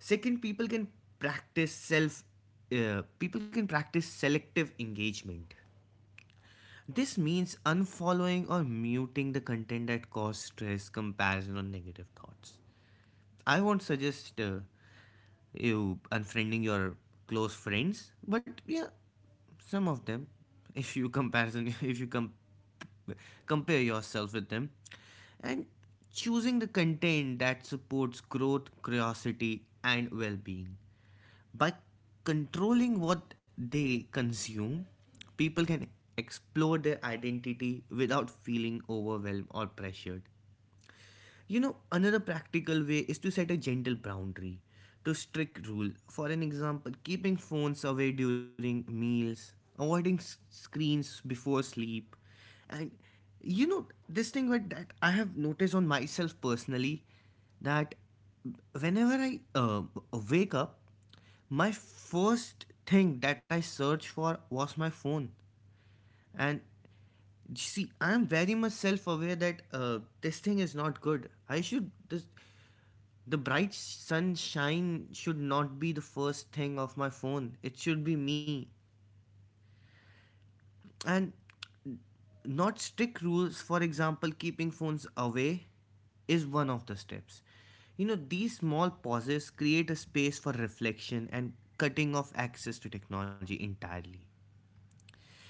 Speaker 2: Second, people can practice self. People can practice selective engagement. This means unfollowing or muting the content that cause stress, comparison, or negative thoughts. I won't suggest you unfriending your close friends, but yeah, some of them. [LAUGHS] If you comparison, [LAUGHS] if you com- compare yourself with them, and choosing the content that supports growth, curiosity, and well-being. By controlling what they consume, people can explore their identity without feeling overwhelmed or pressured. You know, another practical way is to set a gentle boundary to strict rule. For an example, keeping phones away during meals, avoiding screens before sleep, and you know this thing what that I have noticed on myself personally that whenever I wake up, my first thing that I searched for was my phone. And see, I am very much self aware that this thing is not good. I should, this, the bright sunshine should not be the first thing of my phone. It should be me. And not strict rules, for example, keeping phones away is one of the steps. You know, these small pauses create a space for reflection and cutting off access to technology entirely.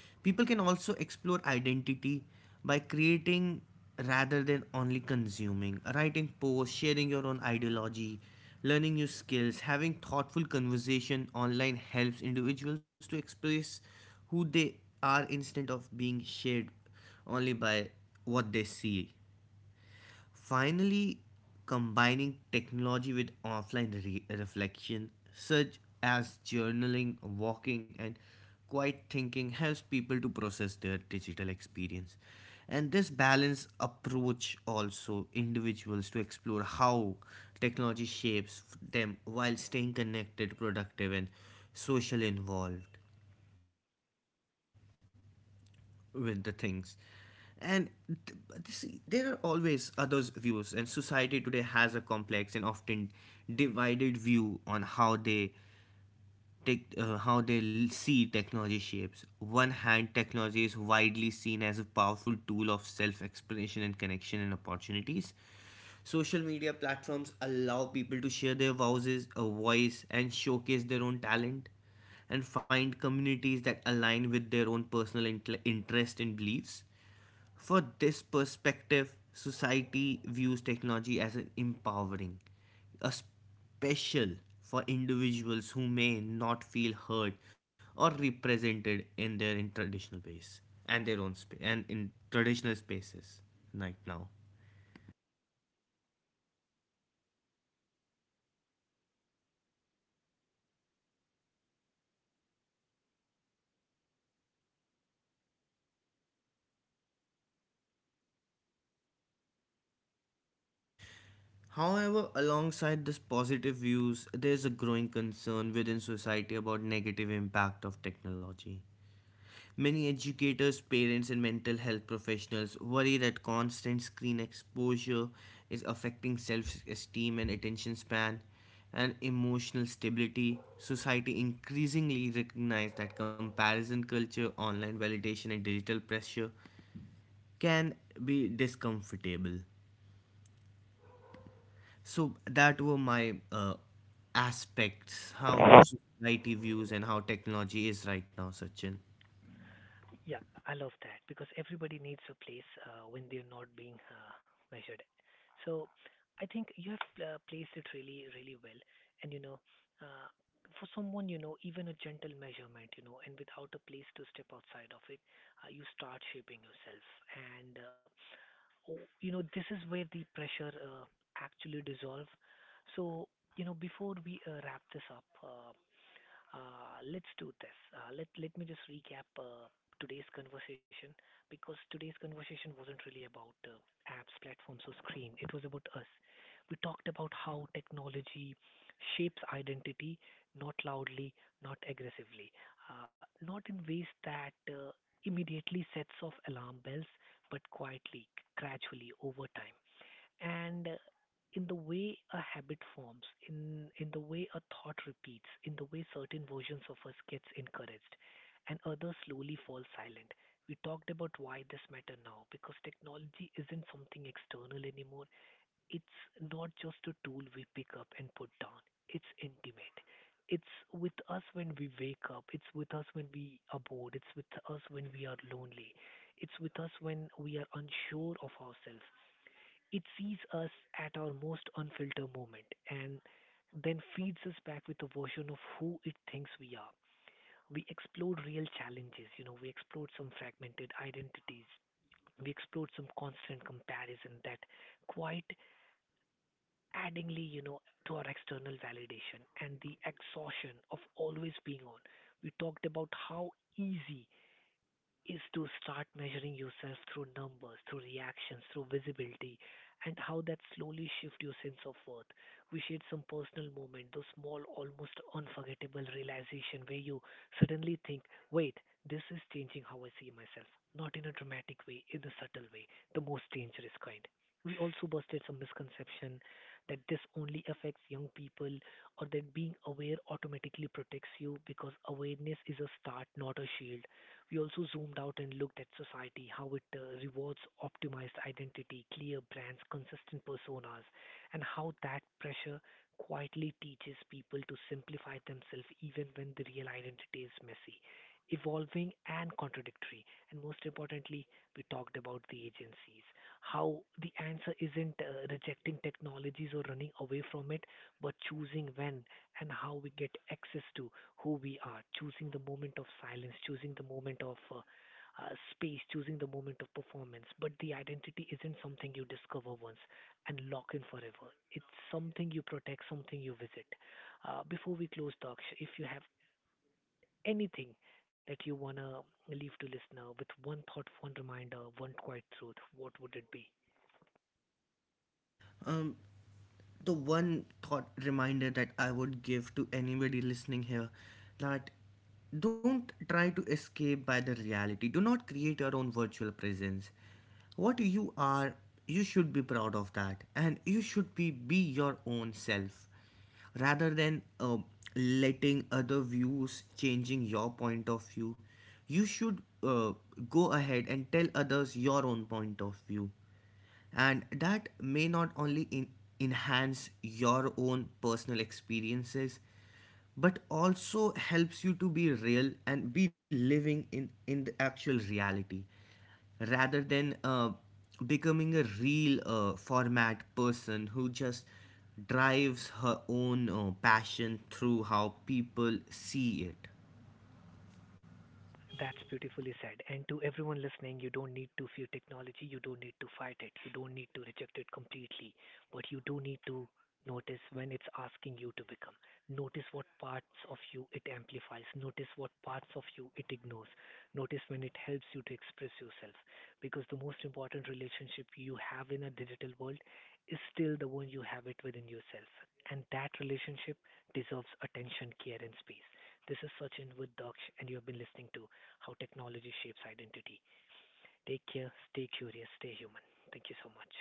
Speaker 2: People can also explore identity by creating rather than only consuming, writing posts, sharing your own ideology, learning new skills, having thoughtful conversation online helps individuals to express who they are instead of being shared only by what they see. Finally, combining technology with offline reflection, such as journaling, walking, and quiet thinking, helps people to process their digital experience. And this balanced approach also individuals to explore how technology shapes them while staying connected, productive, and socially involved with the things. And th- there are always others' views, and society today has a complex and often divided view on how how they see technology shapes. One hand, technology is widely seen as a powerful tool of self-expression and connection and opportunities. Social media platforms allow people to share their voices, a voice, and showcase their own talent, and find communities that align with their own personal interest and beliefs. For this perspective, society views technology as an empowering, a special for individuals who may not feel heard or represented in their in traditional ways and their own space and in traditional spaces right now. However, alongside this positive views, there's a growing concern within society about negative impact of technology. Many educators, parents, and mental health professionals worry that constant screen exposure is affecting self esteem and attention span and emotional stability. Society increasingly recognizes that comparison culture, online validation, and digital pressure can be discomfortable. So, that were my aspects how society views and how technology is right now, Sachin.
Speaker 1: Yeah, I love that because everybody needs a place when they're not being measured. So I think you have placed it really, really well. And you know, uh, for someone, you know, even a gentle measurement, you know, and without a place to step outside of it, you start shaping yourself. And you know, this is where the pressure actually dissolve. So you know, before we wrap this up. Let's do this. Let me just recap today's conversation because today's conversation wasn't really about apps, platforms, or screen. It was about us. We talked about how technology shapes identity, not loudly, not aggressively, not in ways that immediately sets off alarm bells, but quietly, gradually, over time, and in the way a habit forms, in the way a thought repeats, in the way certain versions of us gets encouraged and others slowly fall silent. We talked about why this matter now because technology isn't something external anymore. It's not just a tool we pick up and put down. It's intimate. It's with us when we wake up, it's with us when we are bored, it's with us when we are lonely, it's with us when we are unsure of ourselves. It sees us at our most unfiltered moment and then feeds us back with a version of who it thinks we are. We explore real challenges, you know, we explore some fragmented identities, we explore some constant comparison that quite addingly, you know, to our external validation and the exhaustion of always being on. We talked about how easy is to start measuring yourself through numbers, through reactions, through visibility, and how that slowly shifts your sense of worth. We shared some personal moment, those small, almost unforgettable realization where you suddenly think, wait, this is changing how I see myself. Not in a dramatic way, in a subtle way, the most dangerous kind. We also busted some misconception that this only affects young people or that being aware automatically protects you because awareness is a start, not a shield. We also zoomed out and looked at society, how it rewards optimized identity, clear brands, consistent personas, and how that pressure quietly teaches people to simplify themselves even when the real identity is messy, evolving, and contradictory. And most importantly, we talked about the agencies, how the answer isn't rejecting technologies or running away from it, but choosing when and how we get access to who we are, choosing the moment of silence, choosing the moment of space, choosing the moment of performance. But the identity isn't something you discover once and lock in forever. It's something you protect, something you visit. Before we close, Daksh, if you have anything that you wanna leave to listener with one thought, one reminder, one quiet truth, what would it be?
Speaker 2: Um, the one thought reminder that I would give to anybody listening here that don't try to escape by the reality. Do not create your own virtual presence. What you are, you should be proud of that, and you should be your own self rather than letting other views changing your point of view. You should go ahead and tell others your own point of view, and that may not only enhance your own personal experiences but also helps you to be real and be living in the actual reality rather than becoming a real format person who just drives her own passion through how people see it.
Speaker 1: That's beautifully said. And to everyone listening, you don't need to fear technology, you don't need to fight it, you don't need to reject it completely, but you do need to notice when it's asking you to become. Notice what parts of you it amplifies, notice what parts of you it ignores, notice when it helps you to express yourself. Because the most important relationship you have in a digital world is still the one you have it within yourself. And that relationship deserves attention, care, and space. This is Sachin with Daksh, and you have been listening to how technology shapes identity. Take care, stay curious, stay human. Thank you so much.